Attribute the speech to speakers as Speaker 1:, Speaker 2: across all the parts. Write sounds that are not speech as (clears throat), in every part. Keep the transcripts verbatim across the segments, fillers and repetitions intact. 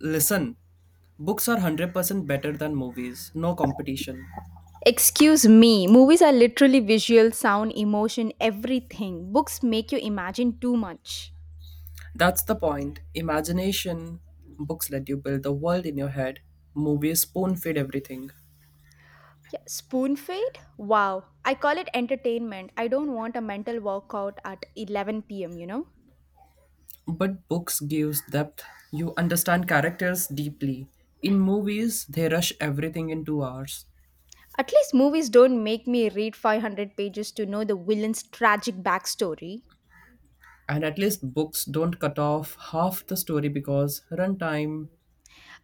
Speaker 1: Listen, books are one hundred percent better than movies, no competition.
Speaker 2: Excuse me, movies are literally visual, sound, emotion, everything. Books make you imagine too much.
Speaker 1: That's the point. Imagination, books let you build the world in your head, movies spoon feed everything.
Speaker 2: Yeah, spoon feed? Wow. I call it entertainment. I don't want a mental workout at eleven p m, you know?
Speaker 1: But books gives depth. You understand characters deeply. In movies, they rush everything in 2 hours.
Speaker 2: At least movies don't make me read five hundred pages to know the villain's tragic backstory.
Speaker 1: And at least books don't cut off half the story because runtime,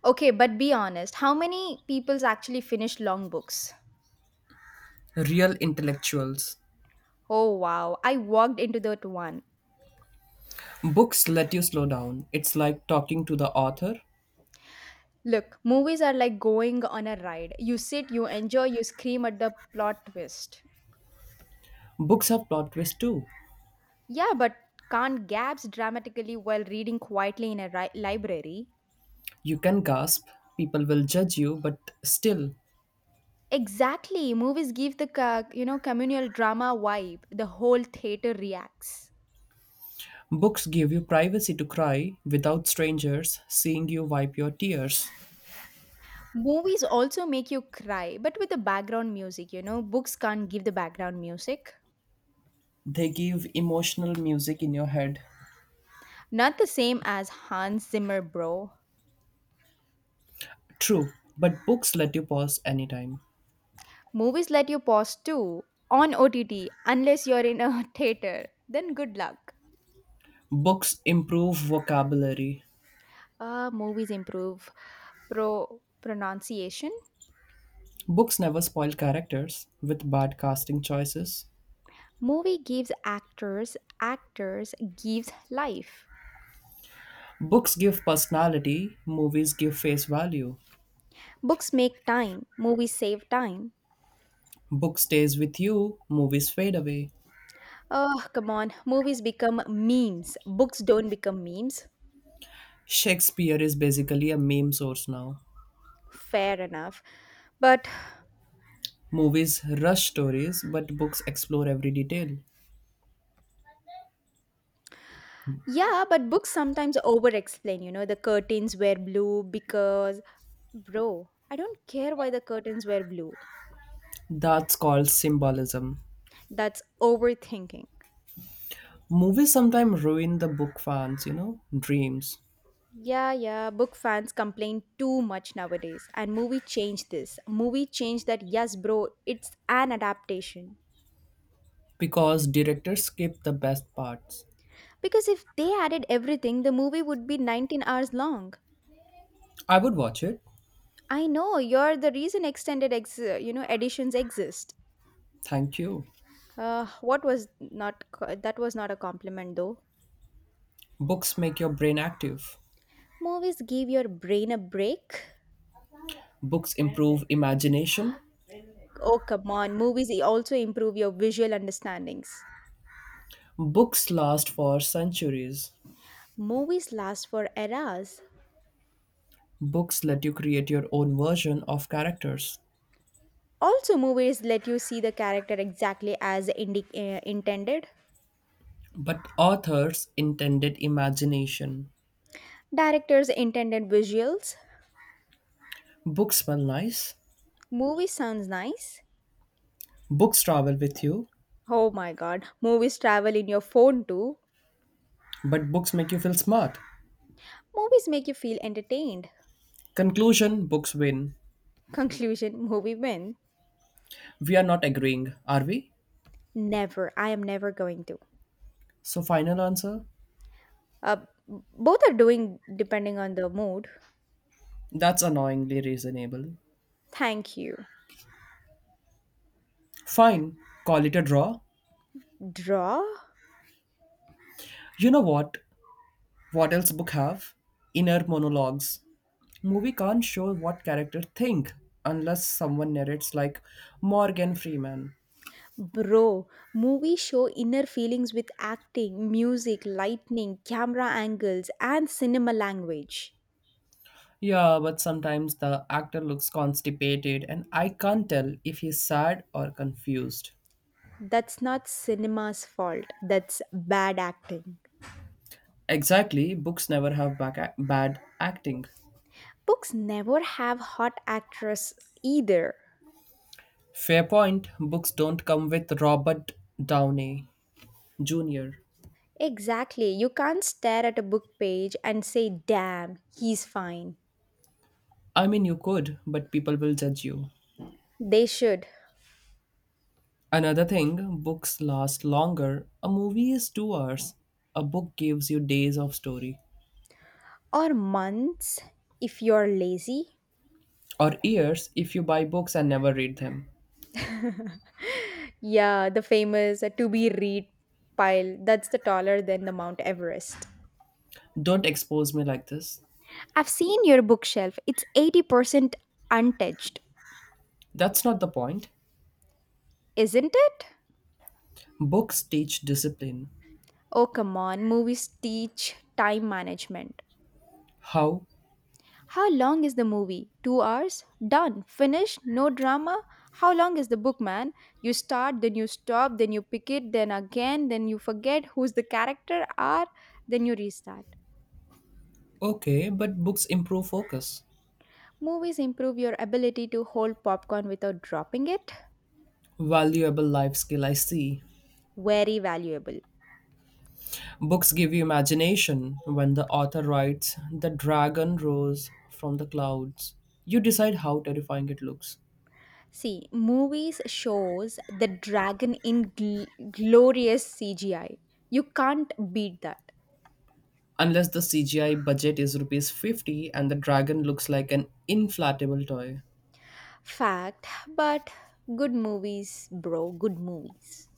Speaker 2: Okay, but be honest, how many people's actually finish long books?
Speaker 1: real intellectuals.
Speaker 2: Oh wow, I walked into that one.
Speaker 1: Books let you slow down. It's like talking to the author.
Speaker 2: Look, movies are like going on a ride. You sit, you enjoy, you scream at the plot twist.
Speaker 1: Books have plot twists too.
Speaker 2: Yeah, but can't gaps dramatically while reading quietly in a ri- library.
Speaker 1: You can gasp, people will judge you, but still,
Speaker 2: Exactly. Movies give the ca- you know communal drama vibe. The whole theater reacts.
Speaker 1: books give you privacy to cry without strangers seeing you wipe your tears.
Speaker 2: Movies also make you cry, but with the background music, you know, books can't give the background music.
Speaker 1: They give emotional music in your head.
Speaker 2: Not the same as Hans Zimmer, bro.
Speaker 1: True, but books let you pause anytime.
Speaker 2: Movies let you pause too on O T T unless you're in a (laughs) theater. Then good luck.
Speaker 1: Books improve vocabulary.
Speaker 2: Uh, movies improve pro pronunciation.
Speaker 1: Books never spoil characters with bad casting choices.
Speaker 2: Movie gives actors, actors gives life.
Speaker 1: Books give personality, movies give face value.
Speaker 2: Books make time, movies save time.
Speaker 1: Book stays with you, movies fade away.
Speaker 2: Oh, come on. Movies become memes. Books don't become memes.
Speaker 1: Shakespeare is basically a meme source now.
Speaker 2: Fair enough. But
Speaker 1: Movies rush stories, but books explore every detail.
Speaker 2: Yeah, but books sometimes over explain, you know, the curtains were blue because, bro, I don't care why the curtains were blue.
Speaker 1: That's called symbolism.
Speaker 2: That's overthinking.
Speaker 1: Movies sometimes ruin the book fans, you know, dreams
Speaker 2: Yeah, yeah, book fans complain too much nowadays. And movie changed this. Movie changed that, yes, bro, it's an adaptation.
Speaker 1: because directors skip the best parts.
Speaker 2: Because if they added everything, the movie would be nineteen hours long.
Speaker 1: I would watch it.
Speaker 2: I know, you're the reason extended, ex- you know, editions exist.
Speaker 1: Thank you.
Speaker 2: Uh, what was not, co- That was not a compliment though.
Speaker 1: Books make your brain active.
Speaker 2: Movies give your brain a break.
Speaker 1: Books improve imagination.
Speaker 2: Oh, come on. Movies also improve your visual understandings.
Speaker 1: Books last for centuries.
Speaker 2: Movies last for eras.
Speaker 1: Books let you create your own version of characters.
Speaker 2: Also, movies let you see the character exactly as indi- uh, intended.
Speaker 1: But authors intended imagination.
Speaker 2: Directors intended visuals.
Speaker 1: Books smell nice.
Speaker 2: Movie sounds nice.
Speaker 1: Books travel with you,
Speaker 2: Oh my god. Movies travel in your phone too.
Speaker 1: but books make you feel smart.
Speaker 2: Movies make you feel entertained.
Speaker 1: Conclusion books win.
Speaker 2: (laughs) Conclusion movie win.
Speaker 1: We are not agreeing, are we?
Speaker 2: Never. I am never going to.
Speaker 1: So, final answer?
Speaker 2: Uh, Both are doing depending on the mood.
Speaker 1: That's annoyingly reasonable.
Speaker 2: Thank you.
Speaker 1: Fine, call it a draw.
Speaker 2: Draw?
Speaker 1: You know what? What else book have? Inner monologues. Movie can't show what character think unless someone narrates like Morgan Freeman.
Speaker 2: Bro, movies show inner feelings with acting, music, lightning, camera angles, and cinema language.
Speaker 1: Yeah, but sometimes the actor looks constipated and I can't tell if he's sad or confused.
Speaker 2: That's not cinema's fault, that's bad acting.
Speaker 1: Exactly, books never have back bad acting.
Speaker 2: Books never have hot actors either.
Speaker 1: Fair point, books don't come with Robert Downey Junior
Speaker 2: Exactly, you can't stare at a book page and say, damn, he's fine.
Speaker 1: I mean, you could, but people will judge you.
Speaker 2: They should.
Speaker 1: Another thing, books last longer. A movie is two hours. A book gives you days of story.
Speaker 2: Or months if you're lazy.
Speaker 1: Or years if you buy books and never read them.
Speaker 2: Yeah, the famous uh, to be read pile that's the taller than the Mount Everest.
Speaker 1: Don't expose me like this.
Speaker 2: I've seen your bookshelf. It's eighty percent untouched,
Speaker 1: That's not the point.
Speaker 2: isn't it?
Speaker 1: Books teach discipline.
Speaker 2: Oh, come on. Movies teach time management.
Speaker 1: How?
Speaker 2: How long is the movie? Two hours? Done. Finished? No drama? How long is the book, man? You start, then you stop, then you pick it, then again, then you forget who's the character are, then you restart.
Speaker 1: Okay, but books improve focus.
Speaker 2: Movies improve your ability to hold popcorn without dropping it.
Speaker 1: Valuable life skill, I see.
Speaker 2: Very valuable.
Speaker 1: Books give you imagination. When the author writes, the dragon rose from the clouds, you decide how terrifying it looks.
Speaker 2: See, movies shows the dragon in gl- glorious C G I. You can't beat that.
Speaker 1: Unless the C G I budget is rupees fifty and the dragon looks like an inflatable toy.
Speaker 2: Fact, but good movies, bro, good movies.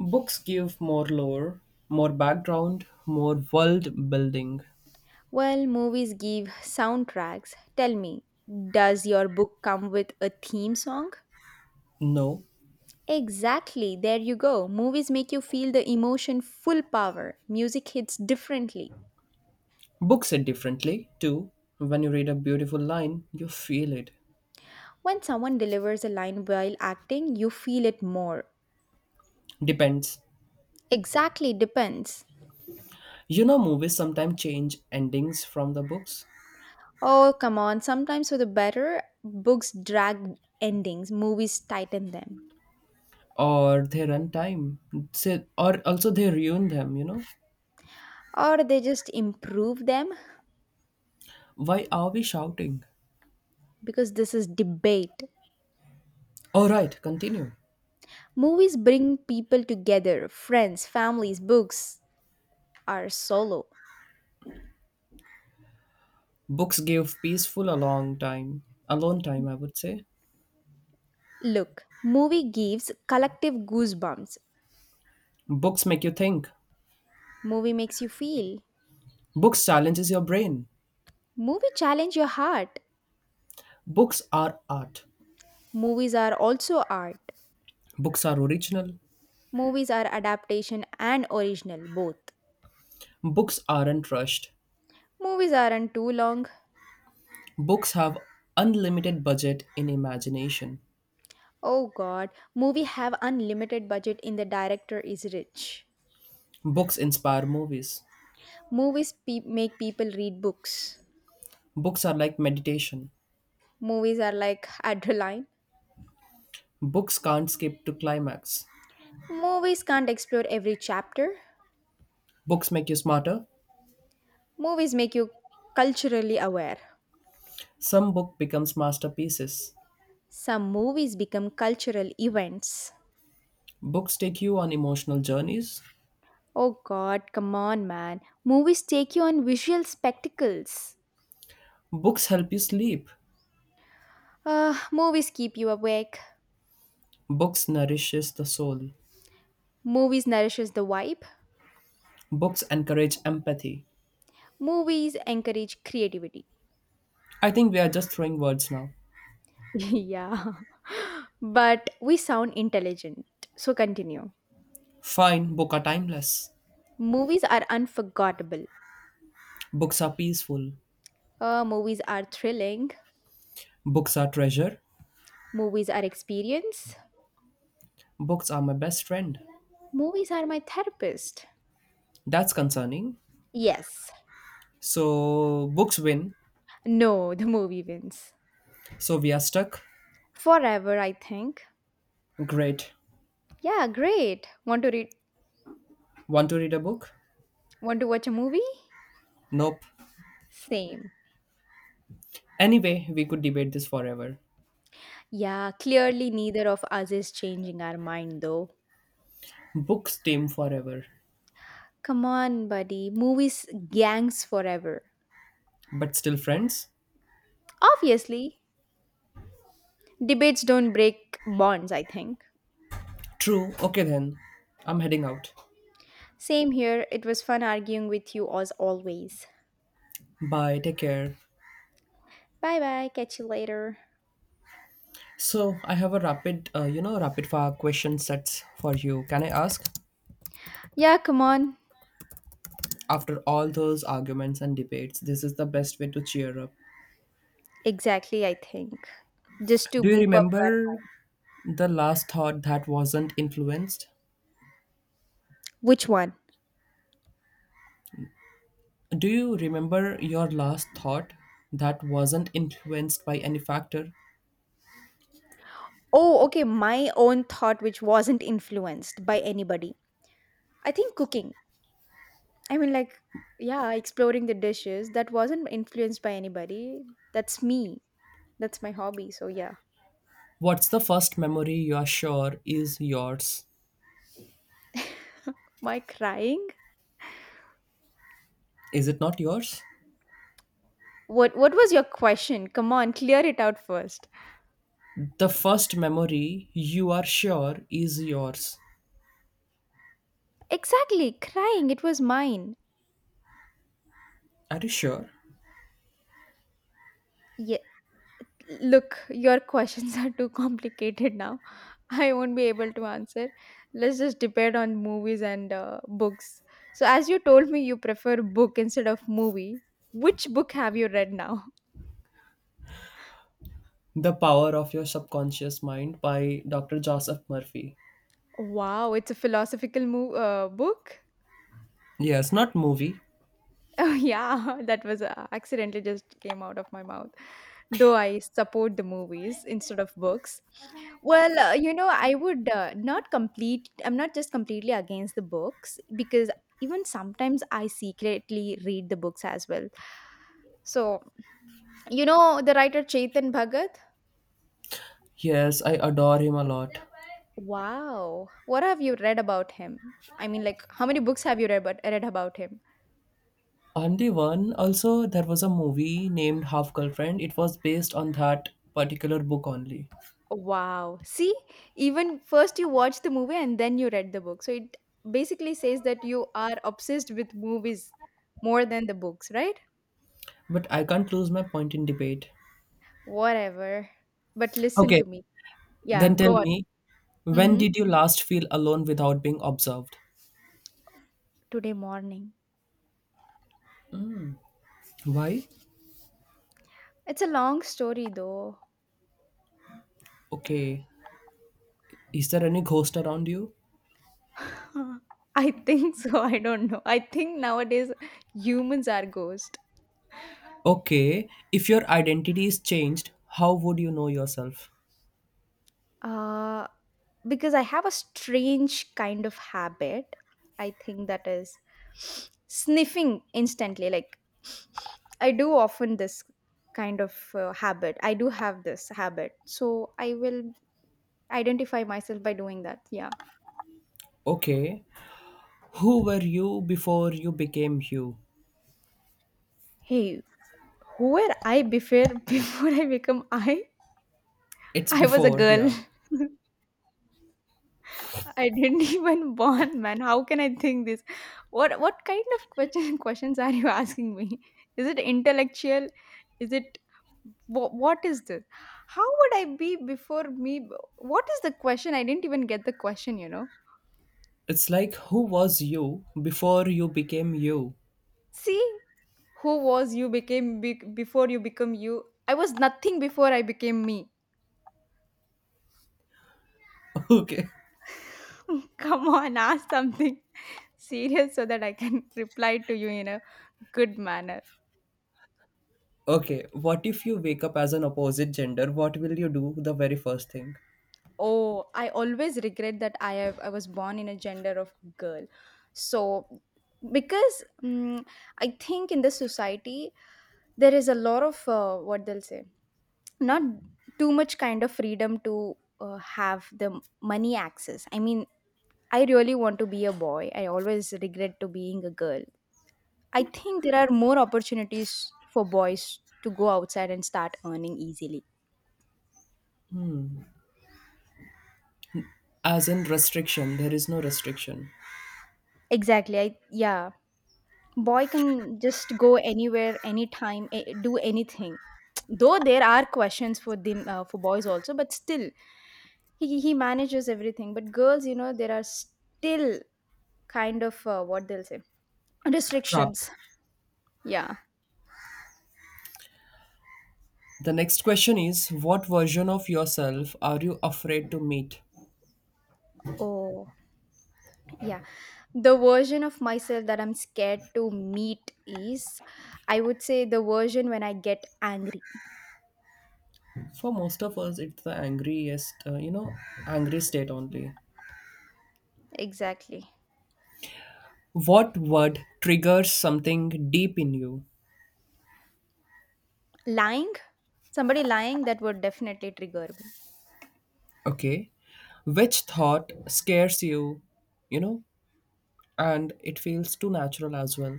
Speaker 1: Books give more lore, more background, more world building.
Speaker 2: Well, movies give soundtracks. Tell me, does your book come with a theme song?
Speaker 1: No,
Speaker 2: Exactly, there you go. Movies make you feel the emotion full power. Music hits differently.
Speaker 1: books it differently too. When you read a beautiful line, you feel it.
Speaker 2: When someone delivers a line while acting, you feel it more.
Speaker 1: Depends.
Speaker 2: Exactly, depends.
Speaker 1: You know, movies sometimes change endings from the books.
Speaker 2: Oh, come on. Sometimes for the better, books drag endings, movies tighten them.
Speaker 1: Or they run time say, or also they ruin them you know
Speaker 2: Or they just improve them
Speaker 1: Why are we shouting?
Speaker 2: because this is debate.
Speaker 1: All right, continue.
Speaker 2: Movies bring people together friends, families, books are solo.
Speaker 1: Books give peaceful a long time alone time, I would say.
Speaker 2: Look, movie gives collective goosebumps.
Speaker 1: Books make you think.
Speaker 2: Movie makes you feel.
Speaker 1: Books challenges your brain.
Speaker 2: Movie challenge your heart.
Speaker 1: Books are art.
Speaker 2: Movies are also art.
Speaker 1: Books are original.
Speaker 2: Movies are adaptation and original, both.
Speaker 1: Books aren't rushed.
Speaker 2: Movies aren't too long.
Speaker 1: Books have unlimited budget in imagination.
Speaker 2: Oh god, movie have unlimited budget in the director is rich.
Speaker 1: Books inspire movies.
Speaker 2: Movies pe- make people read books.
Speaker 1: Books are like meditation.
Speaker 2: Movies are like (laughs) adrenaline.
Speaker 1: Books can't skip to climax.
Speaker 2: Movies can't explore every chapter.
Speaker 1: Books make you smarter.
Speaker 2: Movies make you culturally aware.
Speaker 1: Some book becomes masterpieces.
Speaker 2: Some movies become cultural events.
Speaker 1: Books take you on emotional journeys.
Speaker 2: Oh god, come on man. Movies take you on visual spectacles.
Speaker 1: Books help you sleep.
Speaker 2: Uh, movies keep you awake.
Speaker 1: Books nourishes the soul.
Speaker 2: Movies nourishes the vibe.
Speaker 1: Books encourage empathy.
Speaker 2: Movies encourage creativity.
Speaker 1: I think we are just throwing words now.
Speaker 2: (laughs) Yeah, but we sound intelligent. So continue.
Speaker 1: Fine, books are timeless.
Speaker 2: Movies are unforgettable.
Speaker 1: Books are peaceful.
Speaker 2: Uh, movies are thrilling.
Speaker 1: Books are treasure.
Speaker 2: Movies are experience.
Speaker 1: Books are my best friend.
Speaker 2: Movies are my therapist.
Speaker 1: That's concerning.
Speaker 2: Yes.
Speaker 1: So books win.
Speaker 2: No, (laughs) the movie wins.
Speaker 1: So we are stuck.
Speaker 2: Forever, I think.
Speaker 1: Great.
Speaker 2: Yeah, great. Want to read
Speaker 1: Want to read a book?
Speaker 2: want to watch a movie?
Speaker 1: Nope.
Speaker 2: Same.
Speaker 1: Anyway, we could debate this forever.
Speaker 2: Yeah, clearly neither of us is changing our mind though.
Speaker 1: Books team forever.
Speaker 2: Come on, buddy. Movies gangs forever.
Speaker 1: But still friends?
Speaker 2: Obviously, debates don't break bonds, I think.
Speaker 1: True. Okay then. I'm heading out.
Speaker 2: Same here. It was fun arguing with you as always.
Speaker 1: Bye. Take care.
Speaker 2: Bye bye. Catch you later.
Speaker 1: So I have a rapid, uh, you know, rapid fire question sets for you. Can I ask?
Speaker 2: Yeah, come on.
Speaker 1: After all those arguments and debates, this is the best way to cheer up.
Speaker 2: Exactly, I think. Just to
Speaker 1: Do you
Speaker 2: boop up. our-
Speaker 1: remember the last thought that wasn't influenced?
Speaker 2: Which one?
Speaker 1: Do you remember your last thought that wasn't influenced by any factor?
Speaker 2: Oh, okay. My own thought, which wasn't influenced by anybody. I think cooking. I mean, like, yeah, exploring the dishes that wasn't influenced by anybody. That's me. That's my hobby. So yeah.
Speaker 1: What's the first memory you are sure is yours?
Speaker 2: My crying.
Speaker 1: Is it not yours?
Speaker 2: What What was your question? Come on, clear it out first.
Speaker 1: The first memory you are sure is yours.
Speaker 2: Exactly, crying. It was mine.
Speaker 1: Are you sure?
Speaker 2: Yeah, look, your questions are too complicated now. (laughs) I won't be able to answer. Let's just depend on movies and uh, books. So, as you told me, you prefer book instead of movie. Which book have you read now?
Speaker 1: The Power of Your Subconscious Mind by Doctor Joseph Murphy.
Speaker 2: Wow, it's a philosophical mo- uh, book.
Speaker 1: Yes, not movie.
Speaker 2: Oh, yeah, (laughs) that was uh, accidentally just came out of my mouth. Though I support the movies instead of books. Well, uh, you know, I would uh, not complete, I'm not just completely against the books because even sometimes I secretly read the books as well. So, you know, the writer Chetan Bhagat?
Speaker 1: Yes, I adore him a lot.
Speaker 2: Wow. What have you read about him? I mean, like, how many books have you read about, read about him?
Speaker 1: On the one, also, there was a movie named Half Girlfriend. It was based on that particular book only.
Speaker 2: Wow. See, even first you watch the movie and then you read the book. So it basically says that you are obsessed with movies more than the books, right?
Speaker 1: But I can't lose my point in debate.
Speaker 2: Whatever. But listen
Speaker 1: Okay,
Speaker 2: to me. Yeah,
Speaker 1: then tell
Speaker 2: go on.
Speaker 1: me, when
Speaker 2: Mm-hmm.
Speaker 1: did you last feel alone without being observed?
Speaker 2: Today morning.
Speaker 1: Why?
Speaker 2: It's a long story though.
Speaker 1: Okay, is there any ghost around you?
Speaker 2: (laughs) I think so. I don't know. I think nowadays humans are ghosts.
Speaker 1: Okay, if your identity is changed, how would you know yourself?
Speaker 2: Uh, because I have a strange kind of habit. I think that is sniffing instantly. Like, I do often this kind of uh, habit. I do have this habit. So I will identify myself by doing that. Yeah.
Speaker 1: Okay, who were you before you became you?
Speaker 2: Hey, who were I before (laughs) before I become I?
Speaker 1: It's
Speaker 2: I was a
Speaker 1: before,
Speaker 2: girl.
Speaker 1: yeah.
Speaker 2: I didn't (laughs) even born, man. How can I think this? What what kind of question, (laughs) questions are you asking me? Is it intellectual? Is it what, what is this? How would I be before me? What is the question? I didn't even get the question. You know.
Speaker 1: It's like who was you before you became you?
Speaker 2: See, who was you became be- before you become you? I was nothing before I became me.
Speaker 1: (laughs) Okay.
Speaker 2: (laughs) Come on, ask something (laughs) serious so that I can (laughs) reply to you in a good manner.
Speaker 1: Okay, what if you wake up as an opposite gender? What will you do the very first thing?
Speaker 2: Oh, I always regret that I have, I was born in a gender of girl. So because mm, I think in the society there is a lot of uh, what they'll say, not too much kind of freedom to uh, have the money access. I mean, I really want to be a boy. I always regret to being a girl. I think there are more opportunities for boys to go outside and start earning easily.
Speaker 1: As in restriction, there is no restriction.
Speaker 2: Exactly. I Yeah. Boy can just go anywhere anytime eh, do anything. (tsk) Though there are questions for them uh, for boys also, but still he he manages everything, but girls, you know there are still kind of uh, what they'll say,
Speaker 1: Trapped.
Speaker 2: restrictions. Yeah.
Speaker 1: The next question is what version of yourself are you afraid to meet?
Speaker 2: Oh, yeah, the version of myself that I'm scared to meet is, I would say, the version when I get angry.
Speaker 1: For most of us, it's the angriest, uh, you know, angry state only.
Speaker 2: Exactly.
Speaker 1: What word triggers something deep in you?
Speaker 2: Lying, somebody lying, that would definitely trigger me.
Speaker 1: Okay. Which thought scares you, you know, and it feels too natural as well?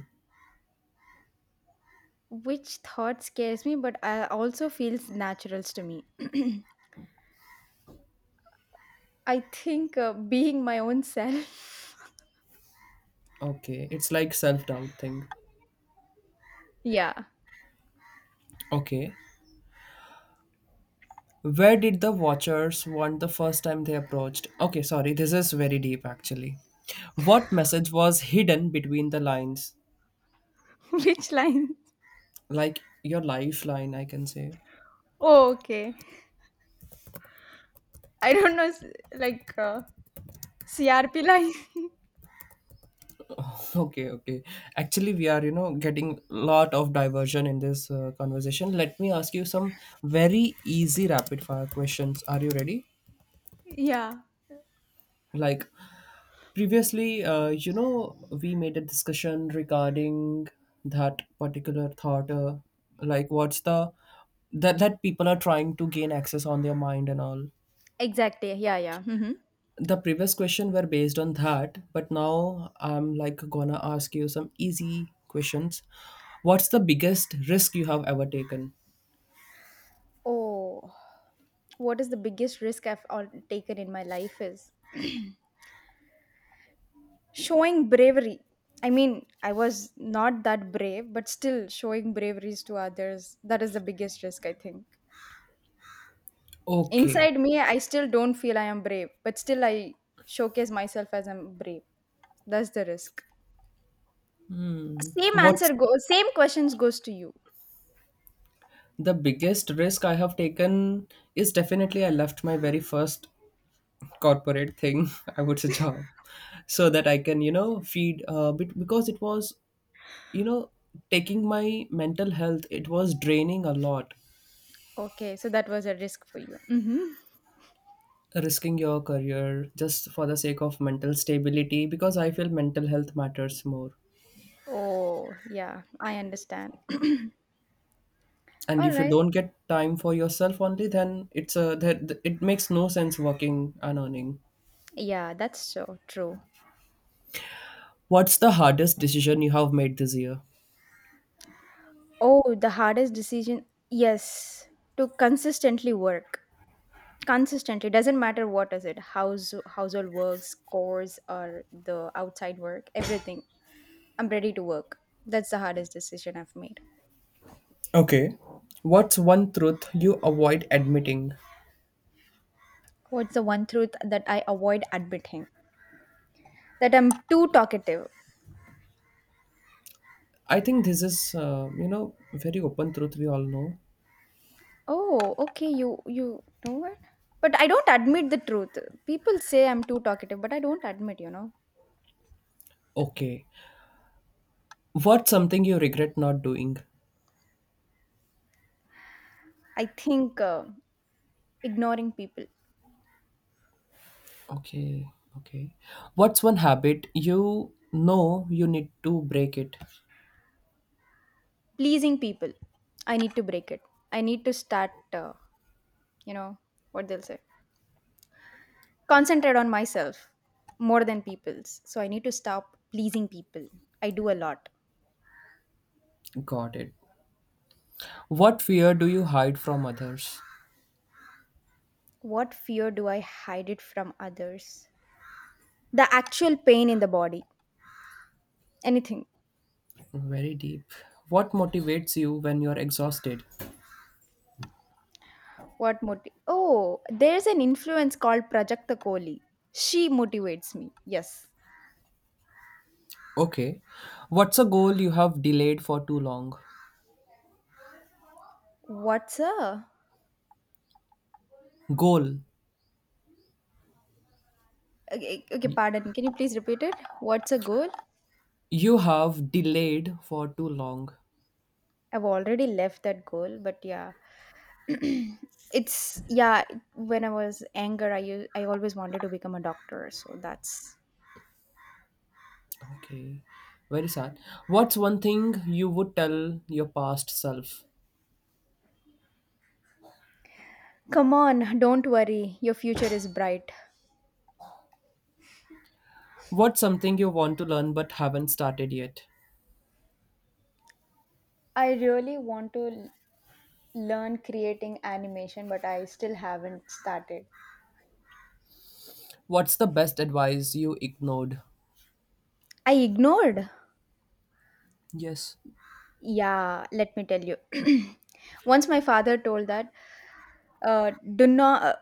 Speaker 2: Which thought scares me, but I also feels naturals to me. (clears throat) I think uh, being my own self. (laughs)
Speaker 1: Okay. It's like self doubt thing.
Speaker 2: Yeah.
Speaker 1: Okay. Where did the watchers want the first time they approached? Okay, sorry, this is very deep actually. What message was hidden between the lines?
Speaker 2: (laughs) Which line?
Speaker 1: Like your lifeline, I can say.
Speaker 2: Oh, okay. I don't know, s- like uh, C R P line. (laughs)
Speaker 1: Okay, okay. Actually, we are, you know, getting lot of diversion in this uh, conversation. Let me ask you some very easy rapid fire questions. Are you ready?
Speaker 2: Yeah.
Speaker 1: Like previously, uh, you know, we made a discussion regarding that particular thought, uh, like what's the that that people are trying to gain access on their mind and all.
Speaker 2: Exactly. Yeah, yeah. Hmm.
Speaker 1: The previous question were based on that, but now I'm like gonna ask you some easy questions. What's the biggest risk you have ever taken?
Speaker 2: Oh, what is the biggest risk I've all taken in my life is (clears throat) showing bravery. I mean, I was not that brave, but still showing braveries to others. That is the biggest risk, I think.
Speaker 1: Okay.
Speaker 2: Inside me, I still don't feel I am brave, but still I showcase myself as I'm brave. That's the risk.
Speaker 1: Hmm.
Speaker 2: Same
Speaker 1: What's
Speaker 2: answer goes, same questions goes to you.
Speaker 1: the biggest risk I have taken is definitely I left my very first corporate thing (laughs) I would say job so that I can you know feed uh, bit because it was you know taking my mental health, it was draining a lot.
Speaker 2: Okay, so that was a risk for you. Hmm.
Speaker 1: Risking your career just for the sake of mental stability because I feel mental health matters more.
Speaker 2: Oh, yeah, I understand. (clears throat)
Speaker 1: And
Speaker 2: All
Speaker 1: if you
Speaker 2: right.
Speaker 1: don't get time for yourself only then it's a that it makes no sense working and earning.
Speaker 2: Yeah, that's so true.
Speaker 1: What's the hardest decision you have made this year?
Speaker 2: Oh, the hardest decision, yes, to consistently work. Consistently doesn't matter what is it, house household work, scores, or the outside work, everything. I'm ready to work. That's the hardest decision I've made.
Speaker 1: Okay. What's one truth you avoid admitting?
Speaker 2: What's the one truth that I avoid admitting? That I'm too talkative.
Speaker 1: I think this is uh, you know very open truth we all know.
Speaker 2: Oh, okay, you you know what? But I don't admit the truth. People say I'm too talkative, but I don't admit, you know.
Speaker 1: Okay. What's something you regret not doing?
Speaker 2: I think uh, ignoring people,
Speaker 1: Okay, okay. What's one habit you know you need to break it?
Speaker 2: pleasing people, I need to break it. I need to start, uh, you know, what they'll say. Concentrate on myself more than people's. So I need to stop pleasing people. I do a lot.
Speaker 1: Got it. What fear do you hide from others?
Speaker 2: What fear do I hide it from others? The actual pain in the body. Anything.
Speaker 1: Very deep. What motivates you when you're exhausted?
Speaker 2: What motive? Oh, there's an influence called Prajakta Kohli. She motivates me. Yes.
Speaker 1: Okay. What's a goal you have delayed for too long?
Speaker 2: What's a.
Speaker 1: Goal.
Speaker 2: Okay, okay,
Speaker 1: y-
Speaker 2: pardon. Can you please repeat it? What's a goal?
Speaker 1: you have delayed for too long.
Speaker 2: I've already left that goal, but yeah. (clears throat) It's yeah, when I was younger, i u- i always wanted to become a doctor, so that's
Speaker 1: Okay. Very sad. What's one thing you would tell your past self?
Speaker 2: come on, don't worry, your future is bright.
Speaker 1: What's something you want to learn but haven't started yet?
Speaker 2: I really want to learn creating animation, but I still haven't started.
Speaker 1: What's the best advice you ignored?
Speaker 2: I ignored.
Speaker 1: Yes.
Speaker 2: Yeah, let me tell you. (clears throat) Once my father told that, uh, do not, uh,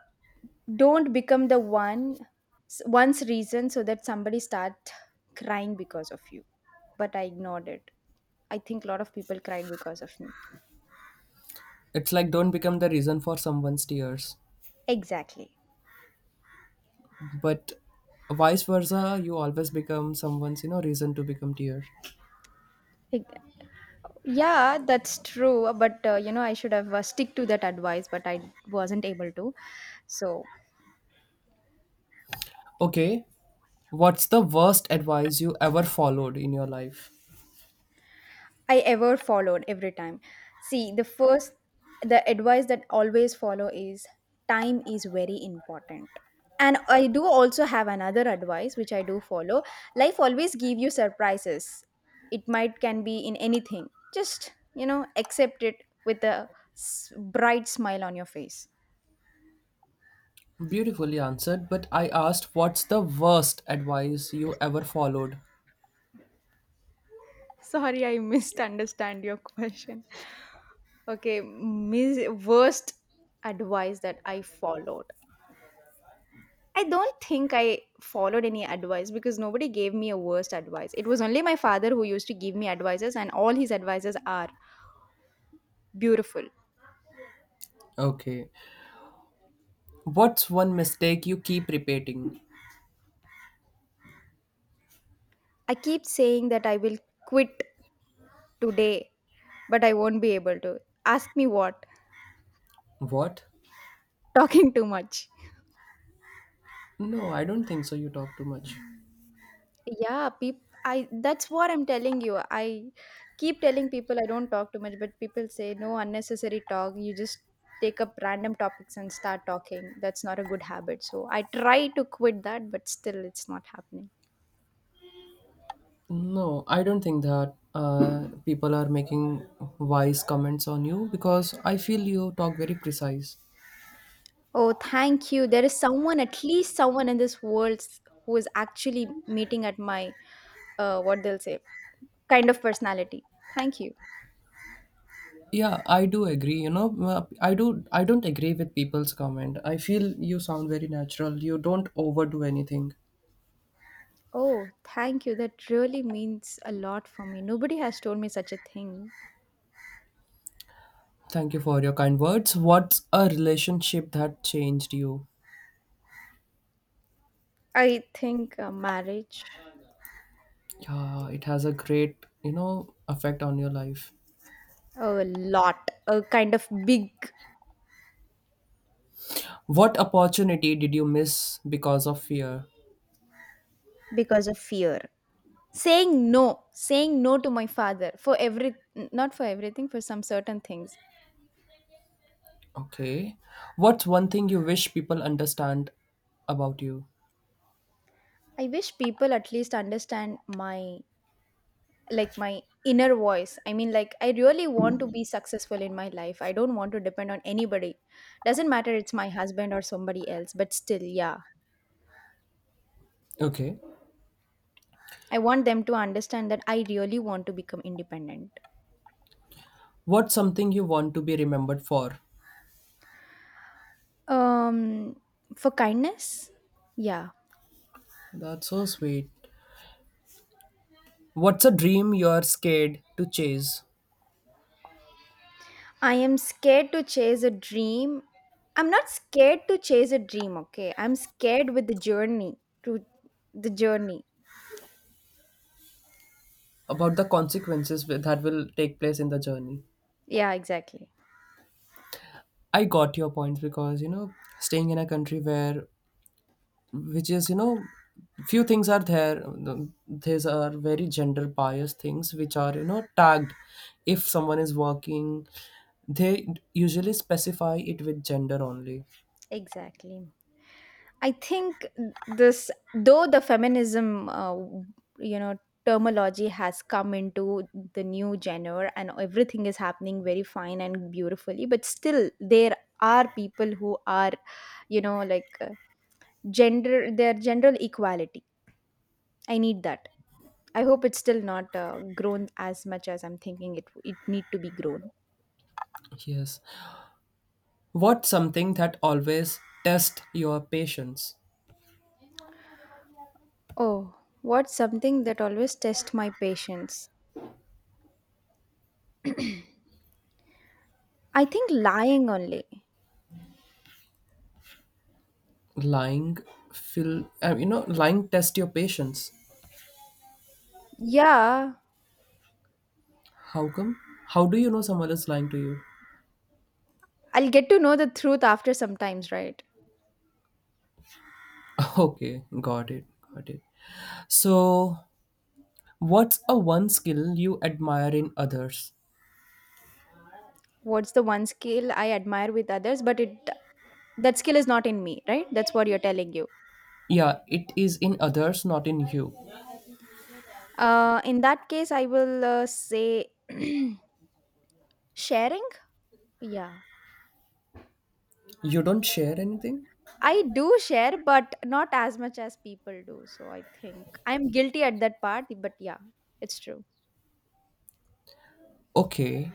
Speaker 2: don't become the one, one's reason so that somebody start crying because of you. But I ignored it. I think a lot of people cried because of me.
Speaker 1: It's like don't become the reason for someone's tears,
Speaker 2: Exactly.
Speaker 1: but vice versa, you always become someone's you know reason to become tears.
Speaker 2: Ex- Yeah, that's true. But uh, you know, I should have uh, stick to that advice, but I wasn't able to. So
Speaker 1: Okay, what's the worst advice you ever followed in your life?
Speaker 2: I ever followed every time. See, the first, the advice that always follow is time is very important. And I do also have another advice which I do follow. Life always give you surprises. It might can be in anything. Just you know, accept it with a s- bright smile on your face.
Speaker 1: Beautifully answered, but I asked what's the worst advice you ever followed?
Speaker 2: Sorry, I misunderstand your (laughs) question. Okay, mis- worst advice that I followed. I don't think I followed any advice because nobody gave me a worst advice. It was only my father who used to give me advices, and all his advices are beautiful.
Speaker 1: Okay. What's one mistake you keep repeating?
Speaker 2: I keep saying that I will quit today, but I won't be able to. Ask me what?
Speaker 1: What?
Speaker 2: (laughs) Talking too much.
Speaker 1: No, I don't think so. You talk too much.
Speaker 2: Yeah, peop I that's what I'm telling you. I keep telling people I don't talk too much, but people say no unnecessary talk. You just take up random topics and start talking. That's not a good habit. So I try to quit that, but still it's not happening.
Speaker 1: No, I don't think that uh, people are making wise comments on you because I feel you talk very precise.
Speaker 2: Oh, thank you. There is someone, at least someone in this world s- who is actually meeting at my uh what they'll say, kind of personality. Thank you.
Speaker 1: Yeah, I do agree. You know, uh, I do. I don't agree with people's comment. I feel you sound very natural. You don't overdo anything.
Speaker 2: Oh, thank you. That really means a lot for me. Nobody has told me such a thing.
Speaker 1: Thank you for your kind words. What's a relationship that changed you?
Speaker 2: I think uh, marriage
Speaker 1: Yeah, it has a great, you know, effect on your life.
Speaker 2: a lot, a kind of big
Speaker 1: What opportunity did you miss because of fear?
Speaker 2: because of fear. Saying no, saying no to my father for every, not for everything, for some certain things.
Speaker 1: Okay. What's one thing you wish people understand about you?
Speaker 2: I wish people at least understand my, like my inner voice. I mean, like, I really want to be successful in my life. I don't want to depend on anybody. Doesn't matter it's my husband or somebody else, but still, yeah.
Speaker 1: Okay.
Speaker 2: I want them to understand that I really want to become independent.
Speaker 1: What's something you want to be remembered for?
Speaker 2: Um, for kindness? Yeah.
Speaker 1: That's so sweet. What's a dream you're scared to chase
Speaker 2: I am scared to chase a dream. I'm not scared to chase a dream, okay? I'm scared with the journey, to the journey.
Speaker 1: about the consequences wi- that will take place in the journey?
Speaker 2: Yeah, exactly.
Speaker 1: I got your point because, you know, staying in a country where which is you know few things are there, the- these are very gender biased things which are you know tagged if someone is working they usually specify it with gender only.
Speaker 2: Exactly. I think this, though the feminism, uh, you know, terminology has come into the new genre and everything is happening very fine and beautifully, but still there are people who are, you know, like uh, gender their general equality. I need that. I hope it's still not uh, grown as much as I'm thinking it it need to be grown.
Speaker 1: Yes. What's something that always test your patience?
Speaker 2: Oh, what's something that always tests my patience? I think lying only.
Speaker 1: Lying. Feel uh, you know lying test your patience.
Speaker 2: Yeah,
Speaker 1: How come? How do you know someone is lying to you?
Speaker 2: I'll get to know the truth after sometimes, right?
Speaker 1: (laughs) Okay. Got it. Got it. So, what's a one skill you admire in others?
Speaker 2: What's the one skill I admire with others, but it that skill is not in me, right? That's what you're telling you.
Speaker 1: Yeah, it is in others, not in you.
Speaker 2: Uh, in that case I will uh, say (clears throat) sharing. Yeah.
Speaker 1: You don't share anything?
Speaker 2: I do share, but not as much as people do. So I think I'm guilty at that part, but yeah, it's true.
Speaker 1: Okay.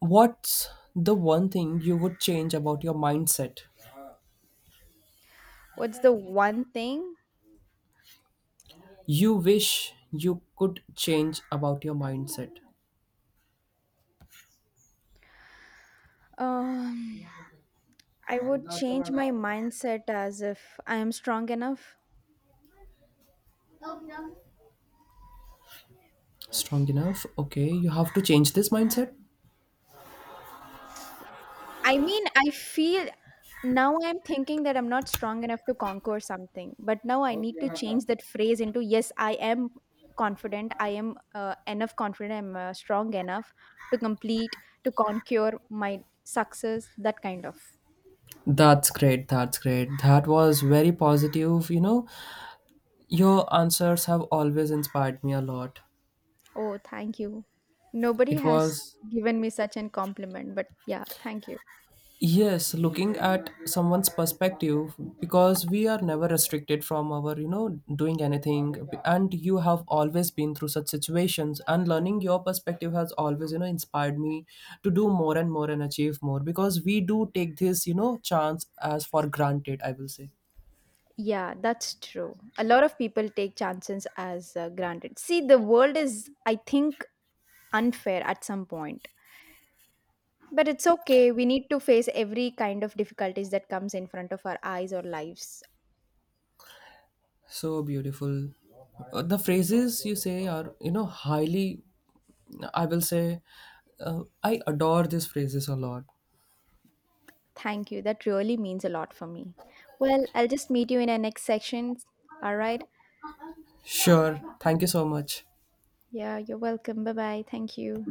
Speaker 1: What's the one thing you would change about your mindset?
Speaker 2: What's the one thing?
Speaker 1: You wish you could change about your mindset.
Speaker 2: Um, I would change my mindset as if I am strong enough.
Speaker 1: Strong enough? Okay, you have to change this mindset?
Speaker 2: I mean, I feel now I'm thinking that I'm not strong enough to conquer something, but now I need to change that phrase into yes, I am confident, I am uh, enough confident, I'm uh, strong enough to complete, to conquer my success, that kind of.
Speaker 1: That's great. That's great. That was very positive. You know, your answers have always inspired me a lot.
Speaker 2: Oh, thank you. Nobody
Speaker 1: It
Speaker 2: has
Speaker 1: was
Speaker 2: given me such an compliment, but yeah, thank you.
Speaker 1: Yes, looking at someone's perspective because we are never restricted from our, you know, doing anything. And you have always been through such situations, and learning your perspective has always, you know, inspired me to do more and more and achieve more because we do take this, you know, chance as for granted, I will say.
Speaker 2: Yeah, that's true. A lot of people take chances as uh, granted. See, the world is, I think, unfair at some point. But it's okay. We need to face every kind of difficulties that comes in front of our eyes or lives.
Speaker 1: So beautiful. Uh, The phrases you say are, you know, highly, I will say, uh, I adore these phrases a lot.
Speaker 2: Thank you. That really means a lot for me. Well, I'll just meet you in our next section. All right.
Speaker 1: Sure. Thank you so much.
Speaker 2: Yeah, you're welcome. Bye bye. Thank you.